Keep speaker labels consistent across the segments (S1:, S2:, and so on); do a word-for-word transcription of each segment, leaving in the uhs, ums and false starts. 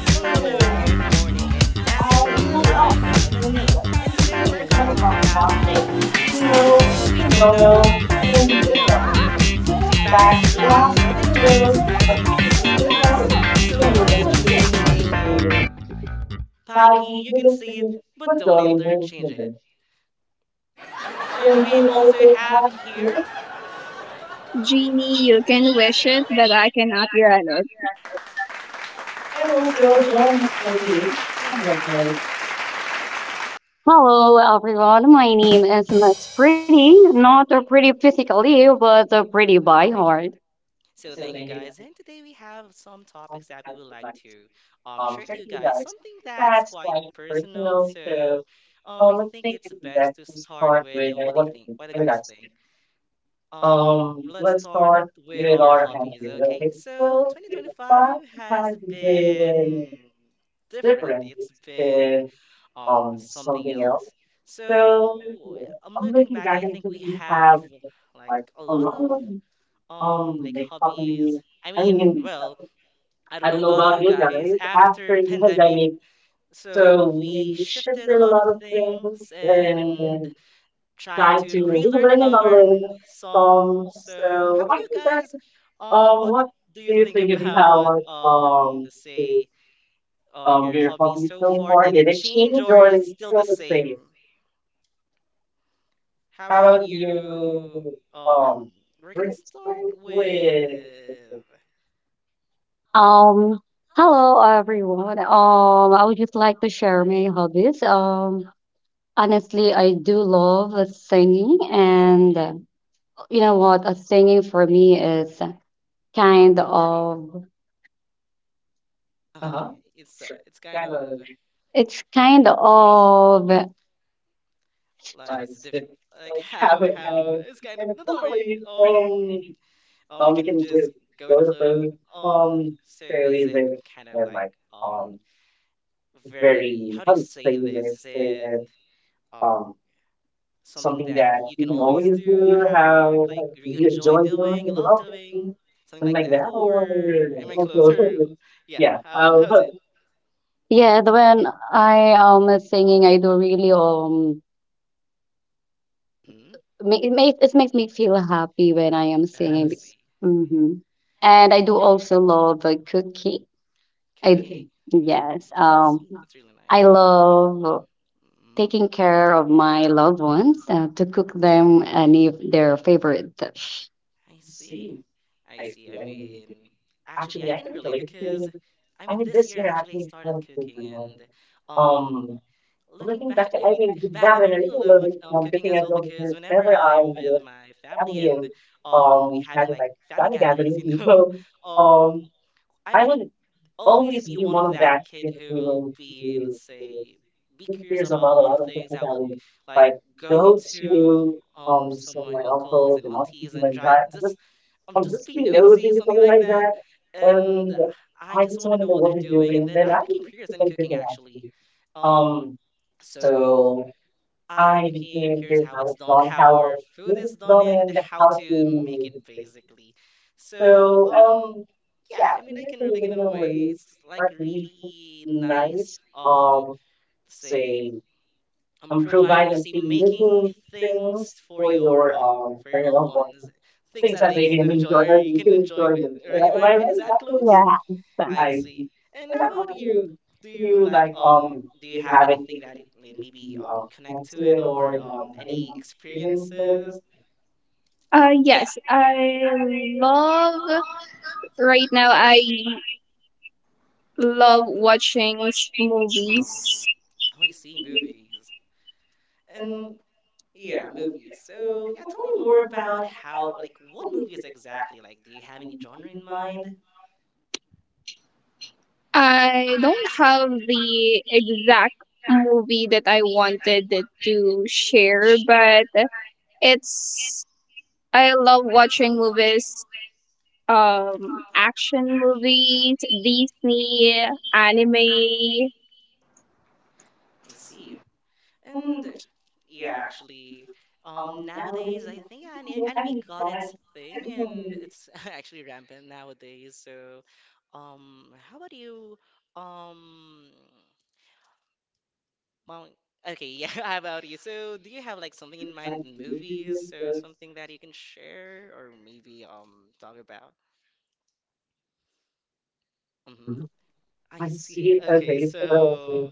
S1: Hello, hello, and good morning. And now we are live in Manila. And today we're going to talk about things we know, we don't know, and we will know. So sit back, relax, and join us as you can even sing with us. So yours truly speaking, Pikey, you can see it, but don't interchange it. And we also have here,
S2: Genie, you can wish it, but I cannot grant it.
S1: and also joining us for today, one of our colleagues.
S3: Hello, everyone. My name is Miss Pretty, not a pretty physically, but a pretty by heart.
S1: So thank you guys. And today we have some topics that we would like to um, share to you guys. Something that's quite personal. So um, I think it's best to start with uh, what do you think? What do you guys think? Um, let's start with our hobbies. Okay. So twenty twenty-five has been different. It's been um, something else. So I'm looking back. I think we have like a lot of um like hobbies. I mean, well, I don't know about you guys. After pandemic, so we shifted a lot of things and trying to relearn and unlearn some. So how about you guys? Um, what do you think about um, let's say um your hobby so far? Did it change or is it still the same? How about you? Um, we're gonna start with.
S3: Um, hello, everyone. Um, I would just like to share my hobbies. Um, honestly, I do love uh, singing, and uh, you know what? Uh, singing for me is kind of
S1: Uh-huh. It's uh, it's kind of
S3: it's kind of
S1: like it's different. Like how how it's kind of no, don't worry. Um, um, we can just go with the flow. Um, so is it kind of like um very, how do you say this? Is it um something that you can always do? How like you enjoy doing, you love doing, something like that? Or am I closer? Yeah. How how's it?
S3: yeah. When I am singing, I do really um
S1: Hmm.
S3: Make it makes it makes me feel happy when I am
S1: Oh,
S3: singing.
S1: I see.
S3: Hmm And I do also love uh, cooking. I
S1: Cooking.
S3: yes.
S1: Oh, I
S3: Um,
S1: see. That's really
S3: I
S1: nice.
S3: love
S1: Hmm.
S3: taking care of my loved ones uh, to cook them any of their favorite dish.
S1: I see. I see. I mean, actually, I can relate because I mean, this year actually I started cooking and um looking back, I mean, back then I really love look um cooking as well, because whenever I'm with my family and um we having like family gatherings, you know, um I would always be one of that kid who will be, let's say, be curious about a lot of things. I will like go to um some of my uncles and aunties and try just um just be nosy, something like that. And I just want to know what they're doing. And then I became curious in cooking actually. Um, so. I became curious how it's done, how our food is done, and how to make it basically. So, um, yeah, I mean, I can relate in a way. It's like really nice, um, say, um, providing, let's say, making things for your, um, for your loved ones, things that they can enjoy or you can enjoy with, right? Am I right? Is that close? I
S3: Yeah.
S1: see. And how about you? Do you like um do you have anything that it- may- maybe um connect to it or um any experiences?
S2: Uh, yes, I love. Right now, I love watching
S1: Huh?
S2: movies.
S1: Oh, I see, movies. And yeah, movies. So yeah, tell me more about how like what movies exactly? Like, do you have any genre in mind?
S2: I don't have the exact movie that I wanted to share, but it's. I love watching movies, um, action movies, Disney,
S1: Hmm.
S2: anime.
S1: I see. And uh, yeah, actually, um, nowadays I think ani- anime got its thing, and it's actually rampant nowadays. So, um, how about you? Um, well, okay, yeah, how about you? So, do you have like something in mind in movies? So, something that you can share or maybe um talk about? Mm-hmm. I see. Okay, so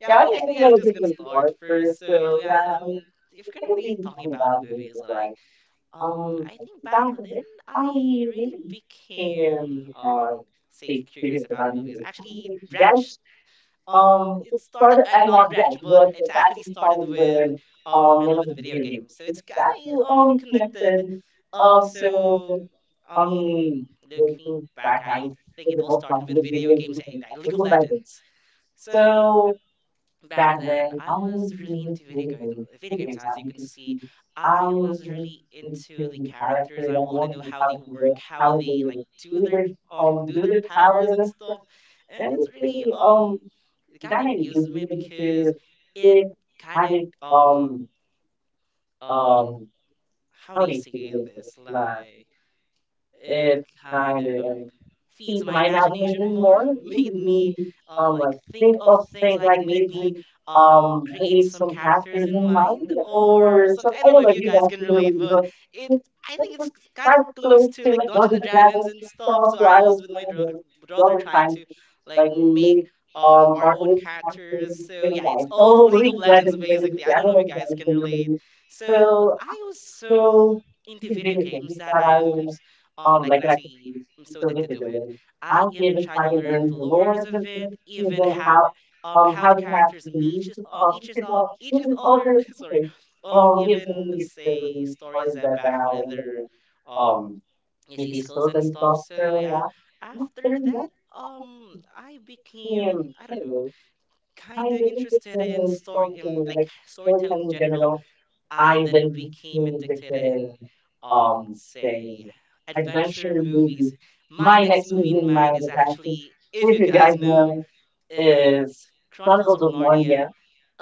S1: yeah, I mean, I think I'm just gonna start first. So, yeah, um, if we're gonna be talking about movies, like. Um, I think back then I really became um say curious about movies. Actually, it branched um it started uh, not branch, but it actually started with um my love with video games. So it's kind of um connected. Um, so I mean, looking back, I think it all started with video games and uh, League of Legends. So back then, I was really into video game, video games. As you can see, I was really into the characters. I want to know how they work, how they like do their um do their powers and stuff. And it's really um it kind of amused me because it kind of um um how do you say this, like it kind of um, feeds my imagination more. Made me um, like think of things, like it made me um, create some characters in mind or some. I don't know if you guys can relate, but it I think it's kind of close to like Dungeons and Dragons and stuff. So I was with my drug- brother trying to like make um, our own characters. So yeah, it's all League of Legends basically. I don't know if you guys can relate. So I was so into video games that I'm um, like when I say I'm so addicted to it, I even try to learn the lores of it, even how, um, how the characters meet each, uh, each is all each is other. Sorry, um, even let's say stories about their, um, you see skills and stuff. So yeah, after that, um, I became, I don't know, kind of interested in story, in like storytelling in general. I then became addicted in, um, say, adventure movies. My next movie in mind is actually, if you guys know, it's Chronicles of Narnia.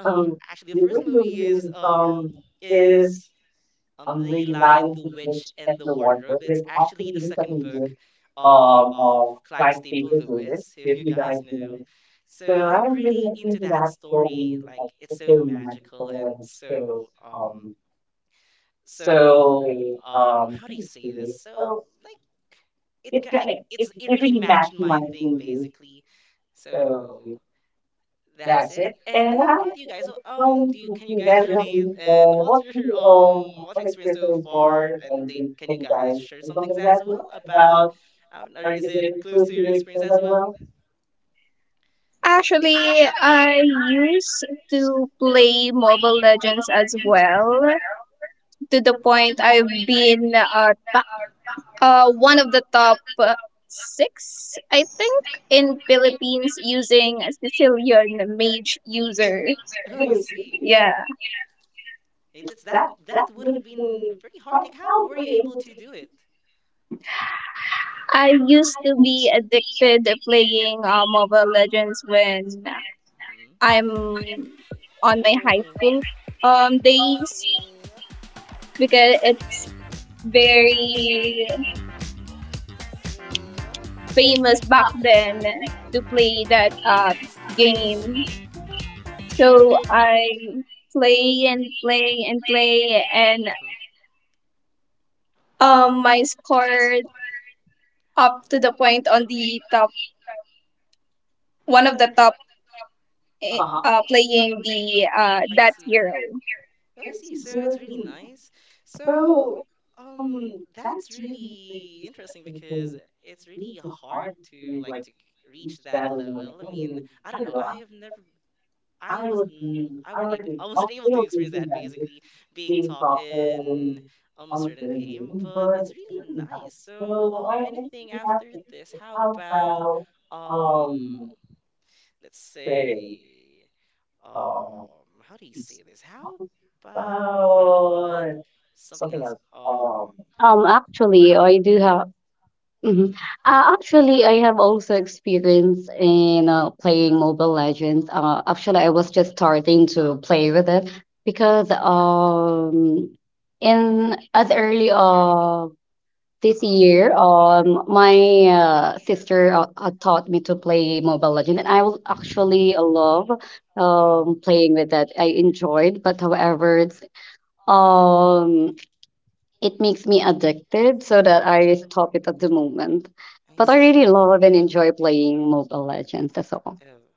S1: Um, actually, the first movie is um is um The Lion, the Witch, and the Wardrobe. It's actually the second book, um, of Clive Staple Lewis, if you guys know. So I'm really into that story. Like, it's so magical and so um so, um, how do you say this? So, like, it kind like it's it really matched my thing basically. So that's it. And how about you guys? So, Um, do you, can you guys relate? And what's your um what's your experience so far? And do, can you guys share some things as well about um, or is it close to your experience as well?
S2: Actually, I used to play Mobile Legends as
S1: Mm.
S2: well, to the point I've been uh, top, uh one of the top uh, six, I think, in Philippines using a Sicilian mage user.
S1: Oh, I see.
S2: Yeah,
S1: It, it's that that would have been very hard. Like, how were you able to do it?
S2: I used to be addicted to playing uh, Mobile Legends when
S1: Mm-hmm.
S2: I'm on my high school um days because
S1: Mm-hmm.
S2: it's very
S1: Mm-hmm.
S2: famous back then to play that uh, game. So I play and play and play and
S1: Uh-huh.
S2: um my score up to the point on
S1: Uh-huh.
S2: the top, one of the top, eh,
S1: Uh-huh,
S2: uh, playing the uh,
S1: I
S2: that
S1: see.
S2: hero.
S1: Oh, I see. So it's really nice. So, um, that's really interesting because it's really hard to like to reach that level. I mean, I don't know. I have never. I was. N- I weren't able. I wasn't able to experience that. Basically, being top in um a certain game, but it's really nice. So, um, anything after this? How about um? let's say, um, how do you say this? How about something else? Um,
S3: Um, actually, I do have. Mhm.
S1: mm,
S3: Uh, actually, I have also experience in uh, playing Mobile Legends. Uh, actually, I was just starting to play with it because um, in as early of this
S1: uh-huh,
S3: year, um, my uh, sister uh, uh, taught me to play Mobile Legends, and I was actually love um
S1: um,
S3: playing with that. I enjoyed, but however, it's um it makes me addicted so that I stop it at the moment. But
S1: I
S3: I really
S1: see.
S3: love and enjoy playing Mobile Legends as well.
S1: Oh,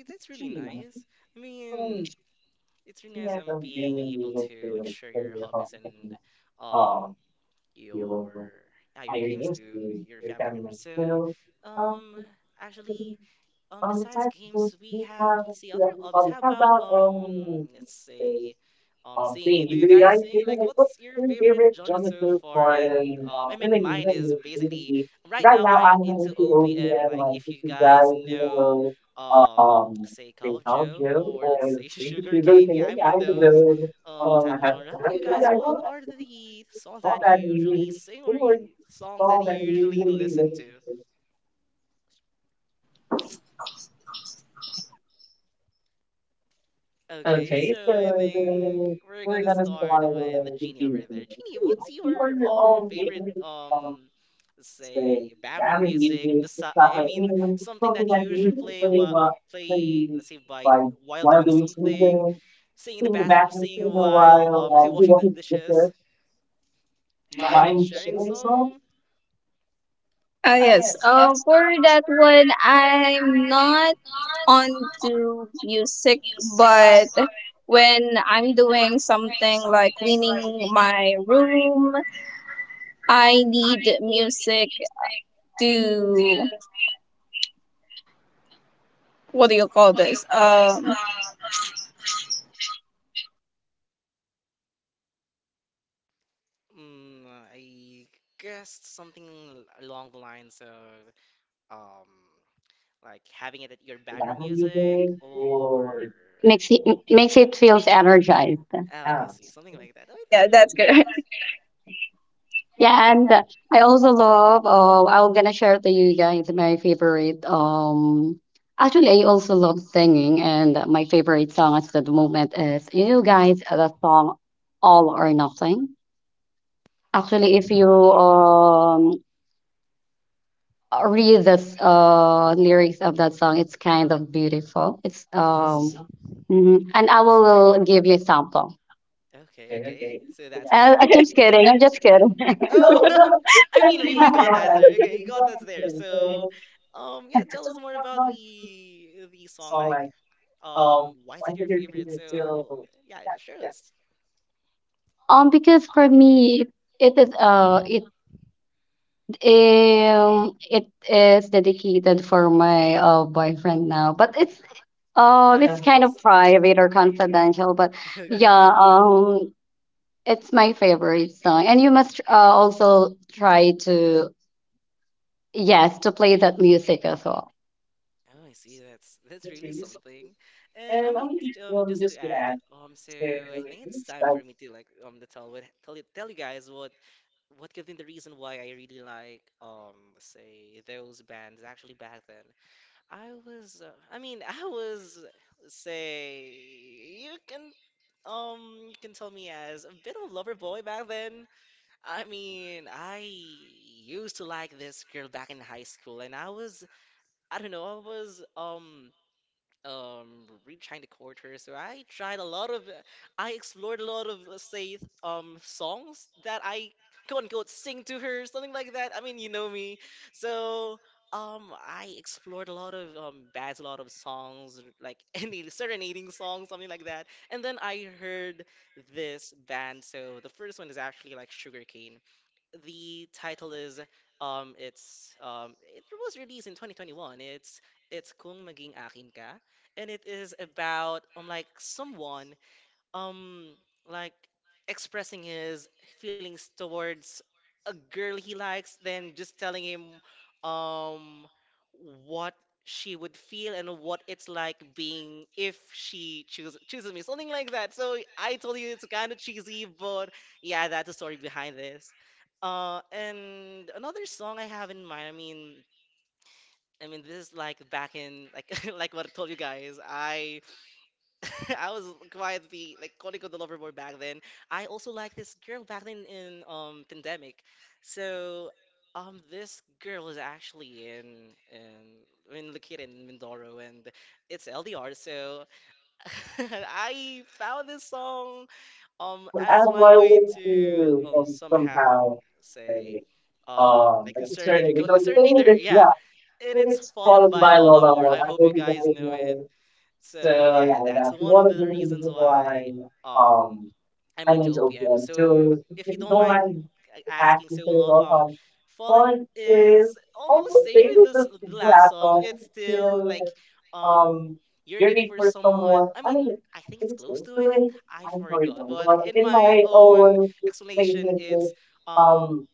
S1: okay, that's really nice. I mean, it's really nice um being able to like share your hobbies and um your yeah, your games to your family members. So, um, actually. Um, besides games, we have, let's see, other hobbies. How about um, let's say, um, singing. You- Do you guys sing? Like, what's your favorite genre so far? And um, I mean, mine is basically right now I'm into O P M. Like, if you guys know, um, say Call of Joe or let's say Sugar Cane. Yeah, I'm into those um type of genre. How about you guys? What are the songs that you usually sing or you, songs that you usually listen to? Okay, so I think we're gonna start with Jeannie over there. Jeannie, what's your um favorite um say background music? Besi I mean something that you usually play while play let's say by while doing something, singing in the bathroom, singing while um let's say washing the dishes. Mind sharing some?
S2: Ah, yes. Uh, for that one, I'm not onto music, but when I'm doing something like cleaning my room, I need music to what do you call this? Um,
S1: Mm, I guess something along the lines of. um like having it at your background music or.
S3: Makes it m- makes it feels energized.
S1: Oh, I see, something like that.
S2: yeah,
S1: Oh, that's
S2: yeah,
S1: really
S2: that's
S1: nice.
S2: good.
S3: Yeah, and uh, I also love. Uh, I'm gonna share to you guys my favorite. Um, actually, I also love singing, and my favorite song at the moment is you
S1: Uh-huh.
S3: guys the song "All or Nothing." Actually, if you um uh, read the s- uh, lyrics of that song. It's kind of beautiful. It's
S1: Oh, I
S3: um,
S1: see.
S3: mhm. and I will give you a sample.
S1: Okay, okay. So that's what
S3: Uh,
S1: we
S3: I'm
S2: Eh.
S3: just
S1: learned.
S3: kidding. I'm
S1: Okay.
S3: just kidding.
S1: Oh, I mean, we, you got us there. Okay, you got us there. So, um, yeah, tell us more about the the song. Like, um, why is it your favorite? So, yeah, sure. us.
S3: um, because for me, it is uh, it um, it is dedicated for my uh boyfriend now, but it's
S1: Oh,
S3: um, it's
S1: I
S3: kind of
S1: see.
S3: private or confidential. But yeah,
S1: Okay.
S3: um, it's my favorite song, and you must uh, also try to. Yes, to play that music as well.
S1: Oh, I see. That's that's really something. And I mean, j- um, just to add, um, so I think it's time for me to like um to tell what tell you tell you guys what what could be the reason why I really like um say those bands actually back then. I was uh, I mean I was say you can um you can tell me as a bit of a lover boy back then. I mean, I used to like this girl back in high school, and I was, I don't know, I was um um retrying the quarter. So i tried a lot of I explored a lot of, let's say, um songs that I quote unquote sing to her, something like that. I mean, you know me. So um I explored a lot of um bads a lot of songs, like any serenading songs, something like that. And then I heard this band. So the first one is actually like Sugarcane. The title is, um it's um it was released in twenty twenty-one. It's it's Kung Maging Akin Ka, and it is about, um like, someone um like expressing his feelings towards a girl he likes than just telling him um what she would feel and what it's like being if she choose, chooses me, something like that. So I told you it's kind of cheesy, but yeah, that's the story behind this. Uh and another song I have in mind, I mean, I mean, this is like back in, like, like what I told you guys. I I was quite the, like, Conico, the lover boy back then. I also liked this girl back then in um pandemic. So um this girl is actually in in in located in Mindoro, and it's L D R. So I found this song um as my way to um somehow say, um like, the Serenader, Conico Serenader, yeah. And it's Fallen by Lola Moore. I hope you guys know it. So yeah, that's one of the reasons why um I'm into O P M. So if you don't mind a- asking, so lo- um, Fallen is almost same with this, the last song. It's still like um yearning for someone. I mean, I think it's close to it. I forgot, but in my own explanation, it's um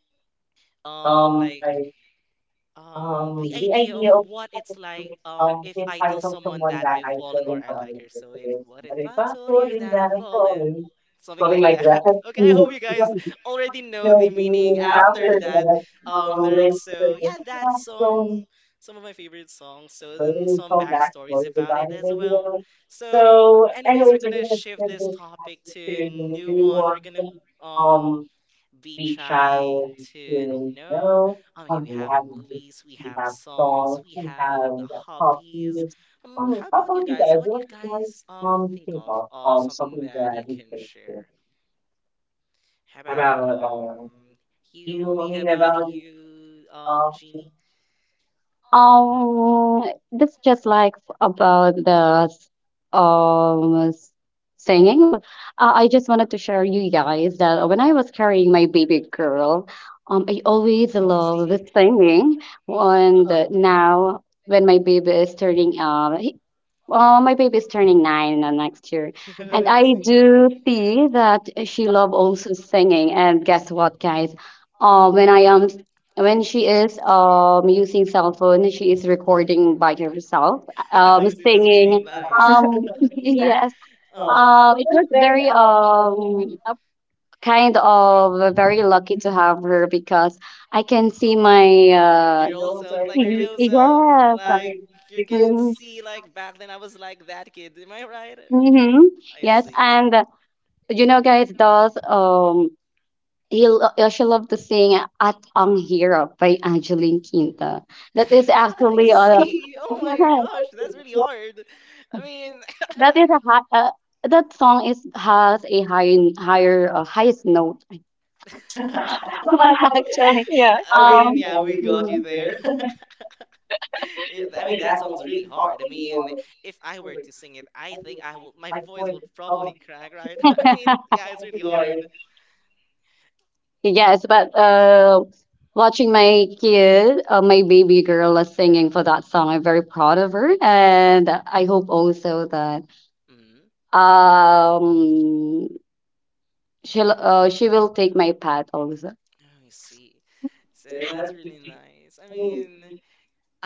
S1: um like um, the idea of what it's like, um, if I tell someone that I've fallen or I like her. So if, what if I told you that I've fallen? Something like that. Okay, I hope you guys already know the meaning after that um lyric. So yeah, that's um some of my favorite songs. So, and some backstories about it as well. So anyways, we're gonna shift this topic to a new one. We're gonna um be trying to know. Um, okay, we have movies, we have songs, we have the hobbies. Um, how about you guys? What do you guys um think of? Um, something that you can share. How about um you, mommy? How about you, um, Jeannie?
S3: Um, this just like about the um s- singing, but uh, I just wanted to share you guys that when I was carrying
S1: Uh-huh.
S3: my baby girl, um, I always
S1: Oh, I
S3: love the
S1: see.
S3: singing, and
S1: Uh-huh.
S3: uh, now when my baby is turning, um, Oh, my baby is turning nine uh, next year, and
S1: I
S3: I
S1: see.
S3: do see that she love also singing. And guess what, guys? Uh, when I am when she is um using cell phone, she is recording by herself, um
S1: I see. That's
S3: singing.
S1: really nice.
S3: Um, yes.
S1: Uh-huh.
S3: Uh, it was very um a kind of very lucky to have her because I can see my uh
S1: Your old self, like your little self.
S3: yes.
S1: Like, you can
S3: Mm-hmm.
S1: see, like, back then I was like that kid. Am I right?
S3: Mm-hmm.
S1: I
S3: Yes,
S1: see.
S3: and you know, guys, dolls.
S1: Uh-huh.
S3: Um, you'll you should love to sing "At Ang Hirap" by Angeline Quinta. That is actually
S1: I
S3: uh,
S1: see. Oh my gosh, that's really hard. I mean,
S3: that is a high, uh, that song is has a high higher uh, highest note. But actually,
S2: Yeah.
S1: I
S3: um,
S1: mean, yeah, we
S3: mm,
S1: got you there. It- I mean, that song's really hard. I mean, if I were to sing it, I think I will. My voice would probably crack, right? I mean, yeah, it's really hard.
S3: yes, but uh, watching my kid, uh, my baby girl, is singing for that song. I'm very proud of her, and I hope also that
S1: Mm,
S3: um She'll uh, she will take my path also.
S1: I see. So that's really nice. I mean,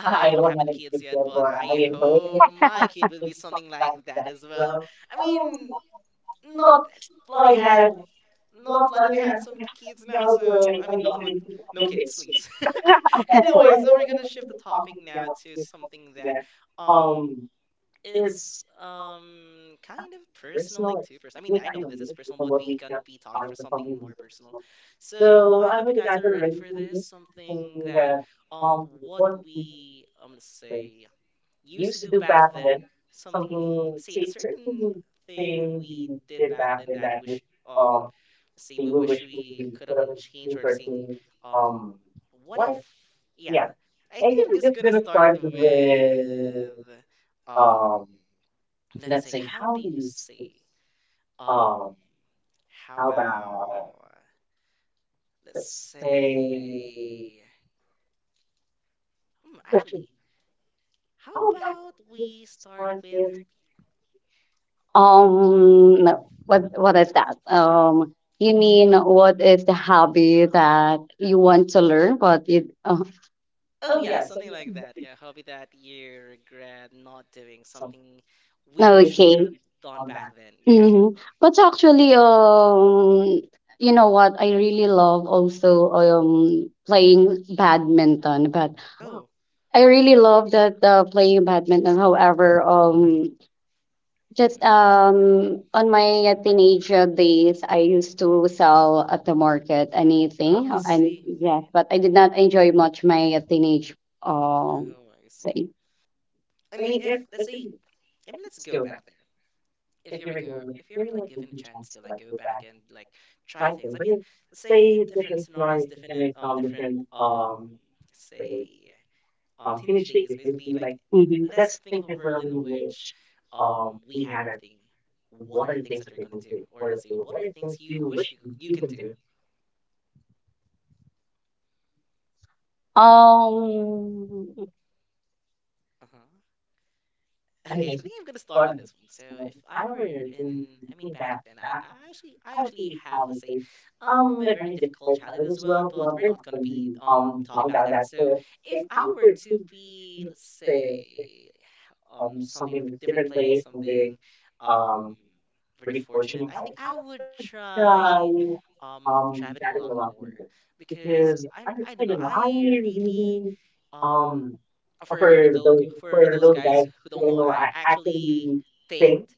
S1: I I don't have any kids yet, but I hope my kid will be something like that as well. I mean, not planning have not planning to have some kids now, so I mean, not with no kids, please. Anyway, so we're gonna shift the topic now to something that, um it's um kind of personal, like too personal. I mean, I know this is personal, but we gonna be talking for something more personal. So I hope you guys are ready for this. Something that, um what we I'm gonna say, used to do back then, something, say, a certain thing we did back then that wish, um say, we wish we could have been changed, or saying um what if. Yeah, I think I'm just gonna start it with, um let's say, how do you say, um how about, let's say, hmm, actually, how about we start with.
S3: Um, no. What what is that? Um, you mean what is the hobby that you want to learn, but it uh,
S1: Oh yeah, something like that. Yeah, hobby that you regret not doing, something we wish we could
S3: okay.
S1: have done back then. Yeah.
S3: hmm But actually, um, you know what? I really love also um playing badminton, but
S1: Oh.
S3: I really love that uh, playing badminton. However, um, Just
S1: Mm.
S3: um on my uh, teenage uh, days, I used to sell at the market anything,
S1: Oh,
S3: uh,
S1: I
S3: and
S1: see.
S3: yes, but I did not enjoy much my uh, teenage um
S1: Oh, I see.
S3: say.
S1: I mean, if let's say, I mean, let's go back there. If you ever go, if you ever like given a chance to like go back and like try things. I mean, let's say different scenarios, different, um, different, um, say um, teenage days, basically, like, let's think of a world in which, um, we have everything. What are the things that you're gonna do, or let's say, what are things you wish you you can do?
S3: Um,
S1: Uh-huh. Okay, so I think I'm gonna start with this one. So if I were in, I mean, back then, I, I actually, I actually have, let's say, um, a very difficult childhood as well. But we're not gonna be um talking about that. So if I were to be, let's say, um, something in a different place, something, um, very fortunate, I think I would try um, traveling a lot more, because I, I don't know, I really, um for those for those guys who don't know, I actually paint.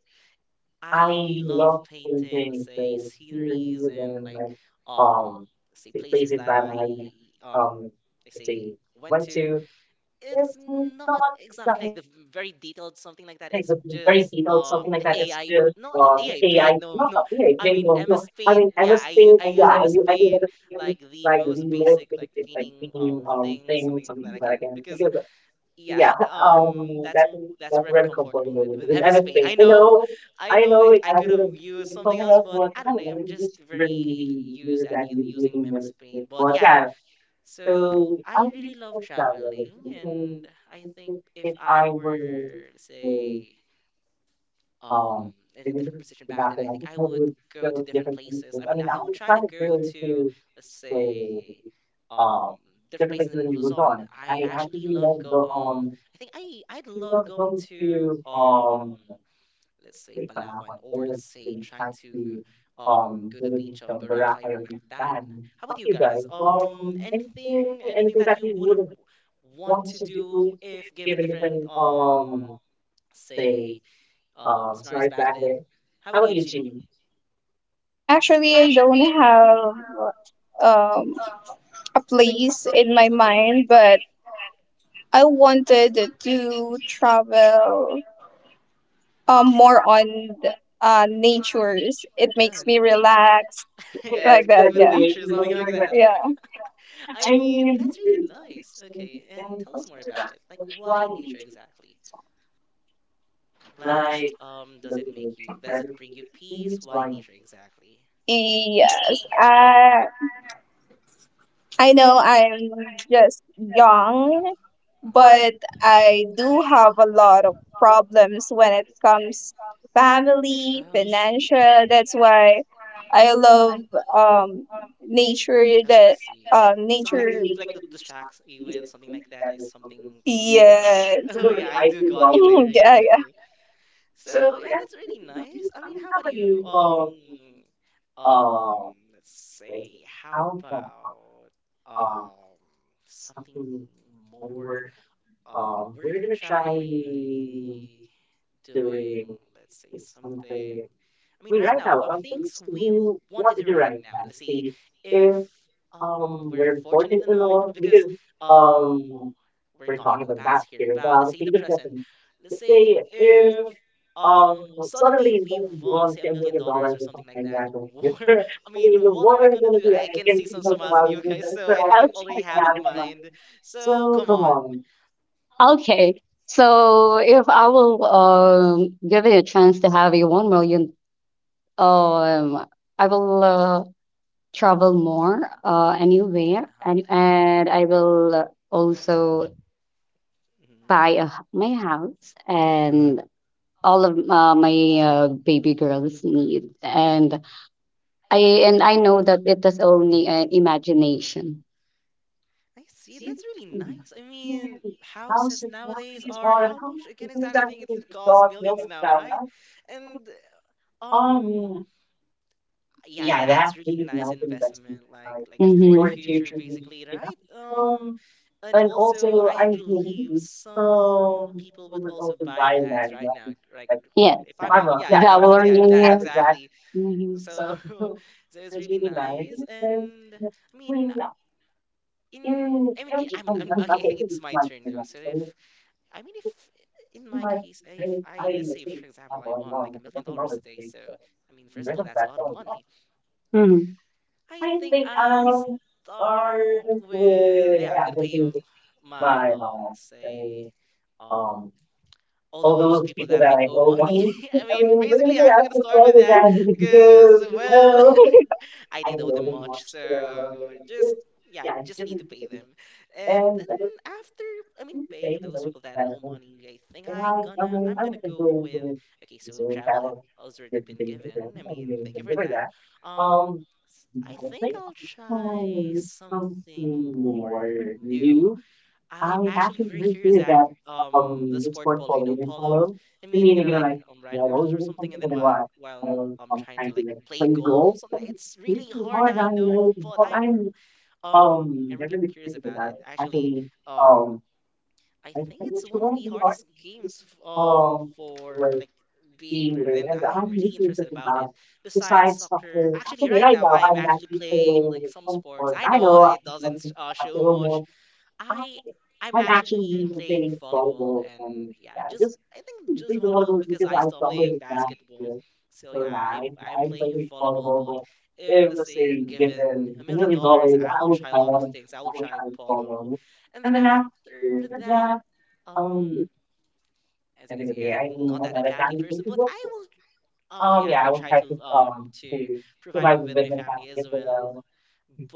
S1: I love painting, let's say, sceneries and like, um let's say places that I, um let's say, went to. It's not exactly like the very detailed something like that. It's just um A I, no, not A I paint, no, no. I mean, M S Paint. Yeah, I u- I use M S Paint, like the most basic like painting um thing, something that I can, because yeah, um, that's w- that's where I'm comfortable with with M S Paint. I know, I know, it, I could have used something else, but I don't know. I'm just very used at u- using M S Paint. But yeah, so I really love traveling, and I think if I were, say, um in a different position back then, I think I would go to different places. I mean, I would try to go to, let's say, um different places in Luzon. I actually love go um I think i i'd love going to, um let's say, Palawan, or let's say, trying to um go to the beach of Boracay or Mactan. How about you guys? um anything anything that you would have want to do if given different, um say um, scenarios back then. How about you, Ginny?
S2: Actually, I don't have um, a place in my
S1: Uh-huh.
S2: mind, but I wanted to travel um more on the, uh, natures. It makes
S1: Yeah,
S2: me
S1: nature.
S2: relax
S1: Yeah,
S2: like
S1: to
S2: that.
S1: connect with
S2: Yeah,
S1: nature, something like that.
S2: yeah.
S1: I mean, that's really nice. Okay, and tell us more about it. Like, why nature exactly? Like, um, does it make you, does it bring you peace? Why nature exactly?
S2: Yes, I I know I'm just young,
S1: Hmm.
S2: but
S1: Uh-huh.
S2: I do have a lot of problems when it comes family,
S1: Oh, I see.
S2: financial. That's why I love
S1: Mhm.
S2: um nature
S1: Oh,
S2: that
S1: I see.
S2: um
S1: Something like,
S2: nature
S1: the, like the distracts you with, something like that, is something peaceful, something like
S2: Yes.
S1: that. Oh yeah, I do got you there. You
S2: Yeah.
S1: got you. So yeah, that's really nice. I mean, how about you? Um, um, let's say, how about um something more? Um, we're gonna try doing, let's say, something. I mean, right now, um, things we w- want to do right now. Let's see if um we're fortunate enough, because um we're talking about the past here, about, let's say, the present. Let's say if um suddenly we won, let's say, a million dollars or something like that. War, I mean, what are we gonna do? i I can see some smiles in you guys, so I think you already have in mind, so come on.
S3: okay. So if I will um give it a chance to have a one million, um, I will uh, travel more uh anywhere, and
S1: Uh-huh.
S3: and I will also
S1: Mhm,
S3: buy a, h- my house
S1: uh-huh.
S3: and all of uh, my uh, baby girls need, and I and I know that it is only an imagination.
S1: I see. That's really nice. I mean, houses nowadays are how much again exactly? I think it costs millions now, right? And um, yeah, that's really nice investment, like like
S3: Mm-hmm.
S1: for the future, basically, right? Um, and also I believe some people would also buy lands right now, like,
S3: Yes.
S1: if I'm not, yeah, if I'm
S3: Vowel
S1: like, yeah, that's
S3: reunion.
S1: exactly.
S3: Mhm.
S1: So, so it's really nice, and I mean, in I mean I I mean I'm, okay, I think it's my turn now. So if I mean, if, in my case, if I let's say, for example, I won like a million dollars today, so I mean, first of all, that's a lot of money.
S3: Mhm.
S1: I think I'll start with, yeah, I'm gonna pay my um say um all those people that I owe money. I mean, basically, I'm gonna start with that because, well, I did owe them much, so just, yeah, I just need to pay them. And then after, I mean, paying those people that owe money, I think I gonna I'm gonna go with, okay, so travel has already been given. I mean, thank you for that. Um, s- I think I'll try something more new. I'm actually very curious at um the sport polo. You know, polo. I mean, you're gonna like um ride horses or something, and then while while I'm trying to like play golf, something. It's really hard, I know, but I'm um I'm really curious about it. Actually, um I think it's one of the hardest games f- um for like being learned, and I'm really interested about it. Besides soccer, actually, right now I'm actually playing like some sports. I know, uh, it doesn't uh, show much. I I'm actually playing volleyball, and yeah, just, I think, just volleyball, because I stopped playing basketball. So yeah, I I'm playing volleyball, but if, let's say, given a million dollars, I will try a lot of things. I will try polo. And then after that, um as you can see, I'm not that a family person, but I will um yeah, I will try to um to provide with with my family as well.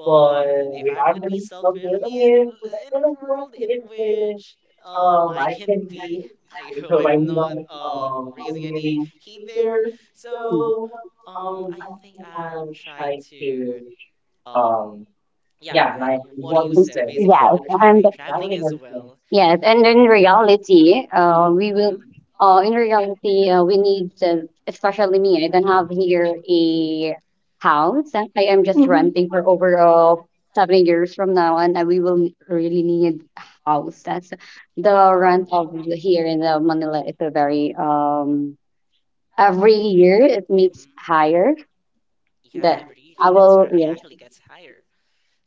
S1: But if I'm gonna be selfish, I mean, in a world in which um I can be, I hope I'm not um raising any heat there.
S3: Mhm.
S1: So um I think I'll try to um yeah,
S3: Yes,
S1: like what you said.
S3: and
S1: Basically, I'm gonna try traveling as well.
S3: Yes, and in reality, uh, we will.
S1: Mm,
S3: Uh, in reality, uh, we need to, especially me. I don't have here
S1: mm,
S3: a house. I am just
S2: Mhm.
S3: renting for over uh, seven years from now, and uh, we will really need a house. That's The
S1: uh-huh,
S3: rent of here in the Manila is a very um every year it makes
S1: mhm.
S3: higher.
S1: Yeah,
S3: That
S1: every
S3: I
S1: it
S3: will, yes.
S1: actually gets higher.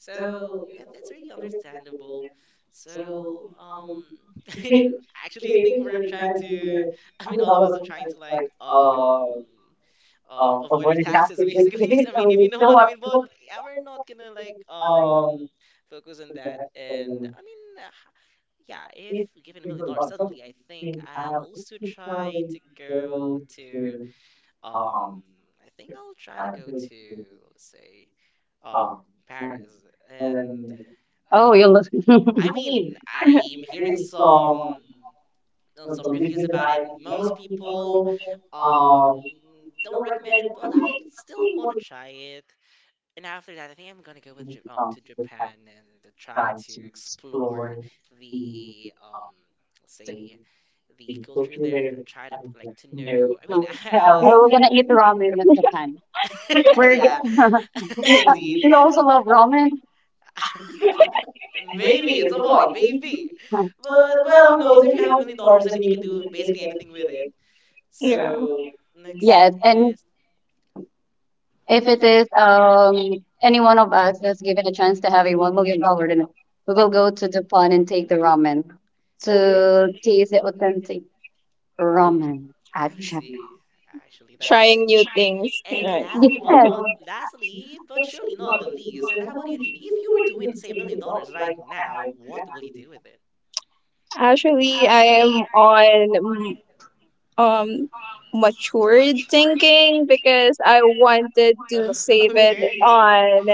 S1: So yeah, that's really understandable. So um, actually, I think we're trying to, I mean, all of us are trying to like, um, um, avoid our taxes, basically. I mean, if you know what I mean. But yeah, we're not gonna like um focus on that. And I mean, uh, yeah, if given a million dollars suddenly, I think I'll also try to go to um, I think I'll try to go to, let's say, um, Paris. And I
S3: Oh,
S1: don't
S3: you
S1: know.
S3: look.
S1: I mean, I'm hearing some, uh, some reviews about it. Most people um don't recommend it, but I still want to try it. And after that, I think I'm gonna go with Ja- um to Japan and try to explore the um let's say the culture there. Try to like to know. I mean, I
S3: I
S1: was
S3: will gonna eat
S1: I,
S3: ramen at Japan. We're g-
S1: yeah,
S3: we
S1: indeed.
S3: also love ramen.
S1: Maybe it's a point, maybe. But well, who knows? If you have a million dollars, I mean, you can do basically anything with it.
S2: Yeah.
S1: So next
S3: Yes, and
S1: is
S3: if it is um any one of us that's given a chance to have a one million dollar dinner, we will go to the pond and take the ramen
S1: okay.
S3: to taste the authentic
S1: Mm,
S3: ramen at
S1: I
S3: Japan.
S1: see. Actually, that's really
S2: Trying new
S1: nice.
S2: things.
S1: And
S2: Right.
S1: lastly, but
S2: Okay.
S3: Yes,
S1: not lastly, but surely not the least. And how about you, Jeannie? If you were to win, say, a million dollars right now, what will you do with it?
S2: Actually, I am on mm, um matured thinking because I wanted to save it
S1: Okay.
S2: on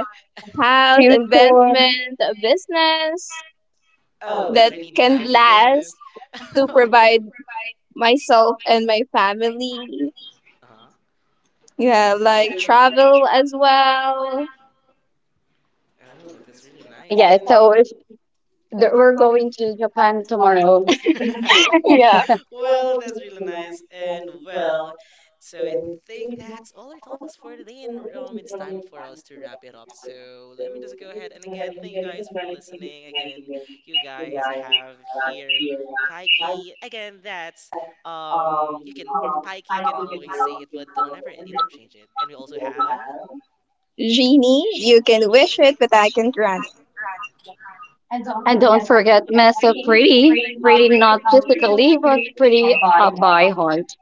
S2: house,
S3: future.
S2: investment, a business
S1: Oh,
S2: that
S1: that's really
S2: can
S1: nice
S2: last
S1: business.
S2: to provide
S1: Okay.
S2: myself and my family.
S1: Uh-huh. I
S2: Yeah,
S1: see. That's
S2: like
S1: really nice.
S2: travel as well.
S1: Oh, that's really nice.
S3: Yeah,
S1: And
S3: so if the, we're going to Japan tomorrow,
S2: Yeah.
S1: well, that's really nice. And well, so I think that's all our topics for today, and um, it's time for us to wrap it up. So let me just go ahead and again, thank you guys for listening. Again, you guys have here. Pikey, again, that's um, you can Pikey, you can always say it, but don't ever interchange it. And we also have
S2: Genie, you can wish it, but I can grant it.
S3: and don't forget, Miss so pretty, pretty not physically, but pretty uh, by heart.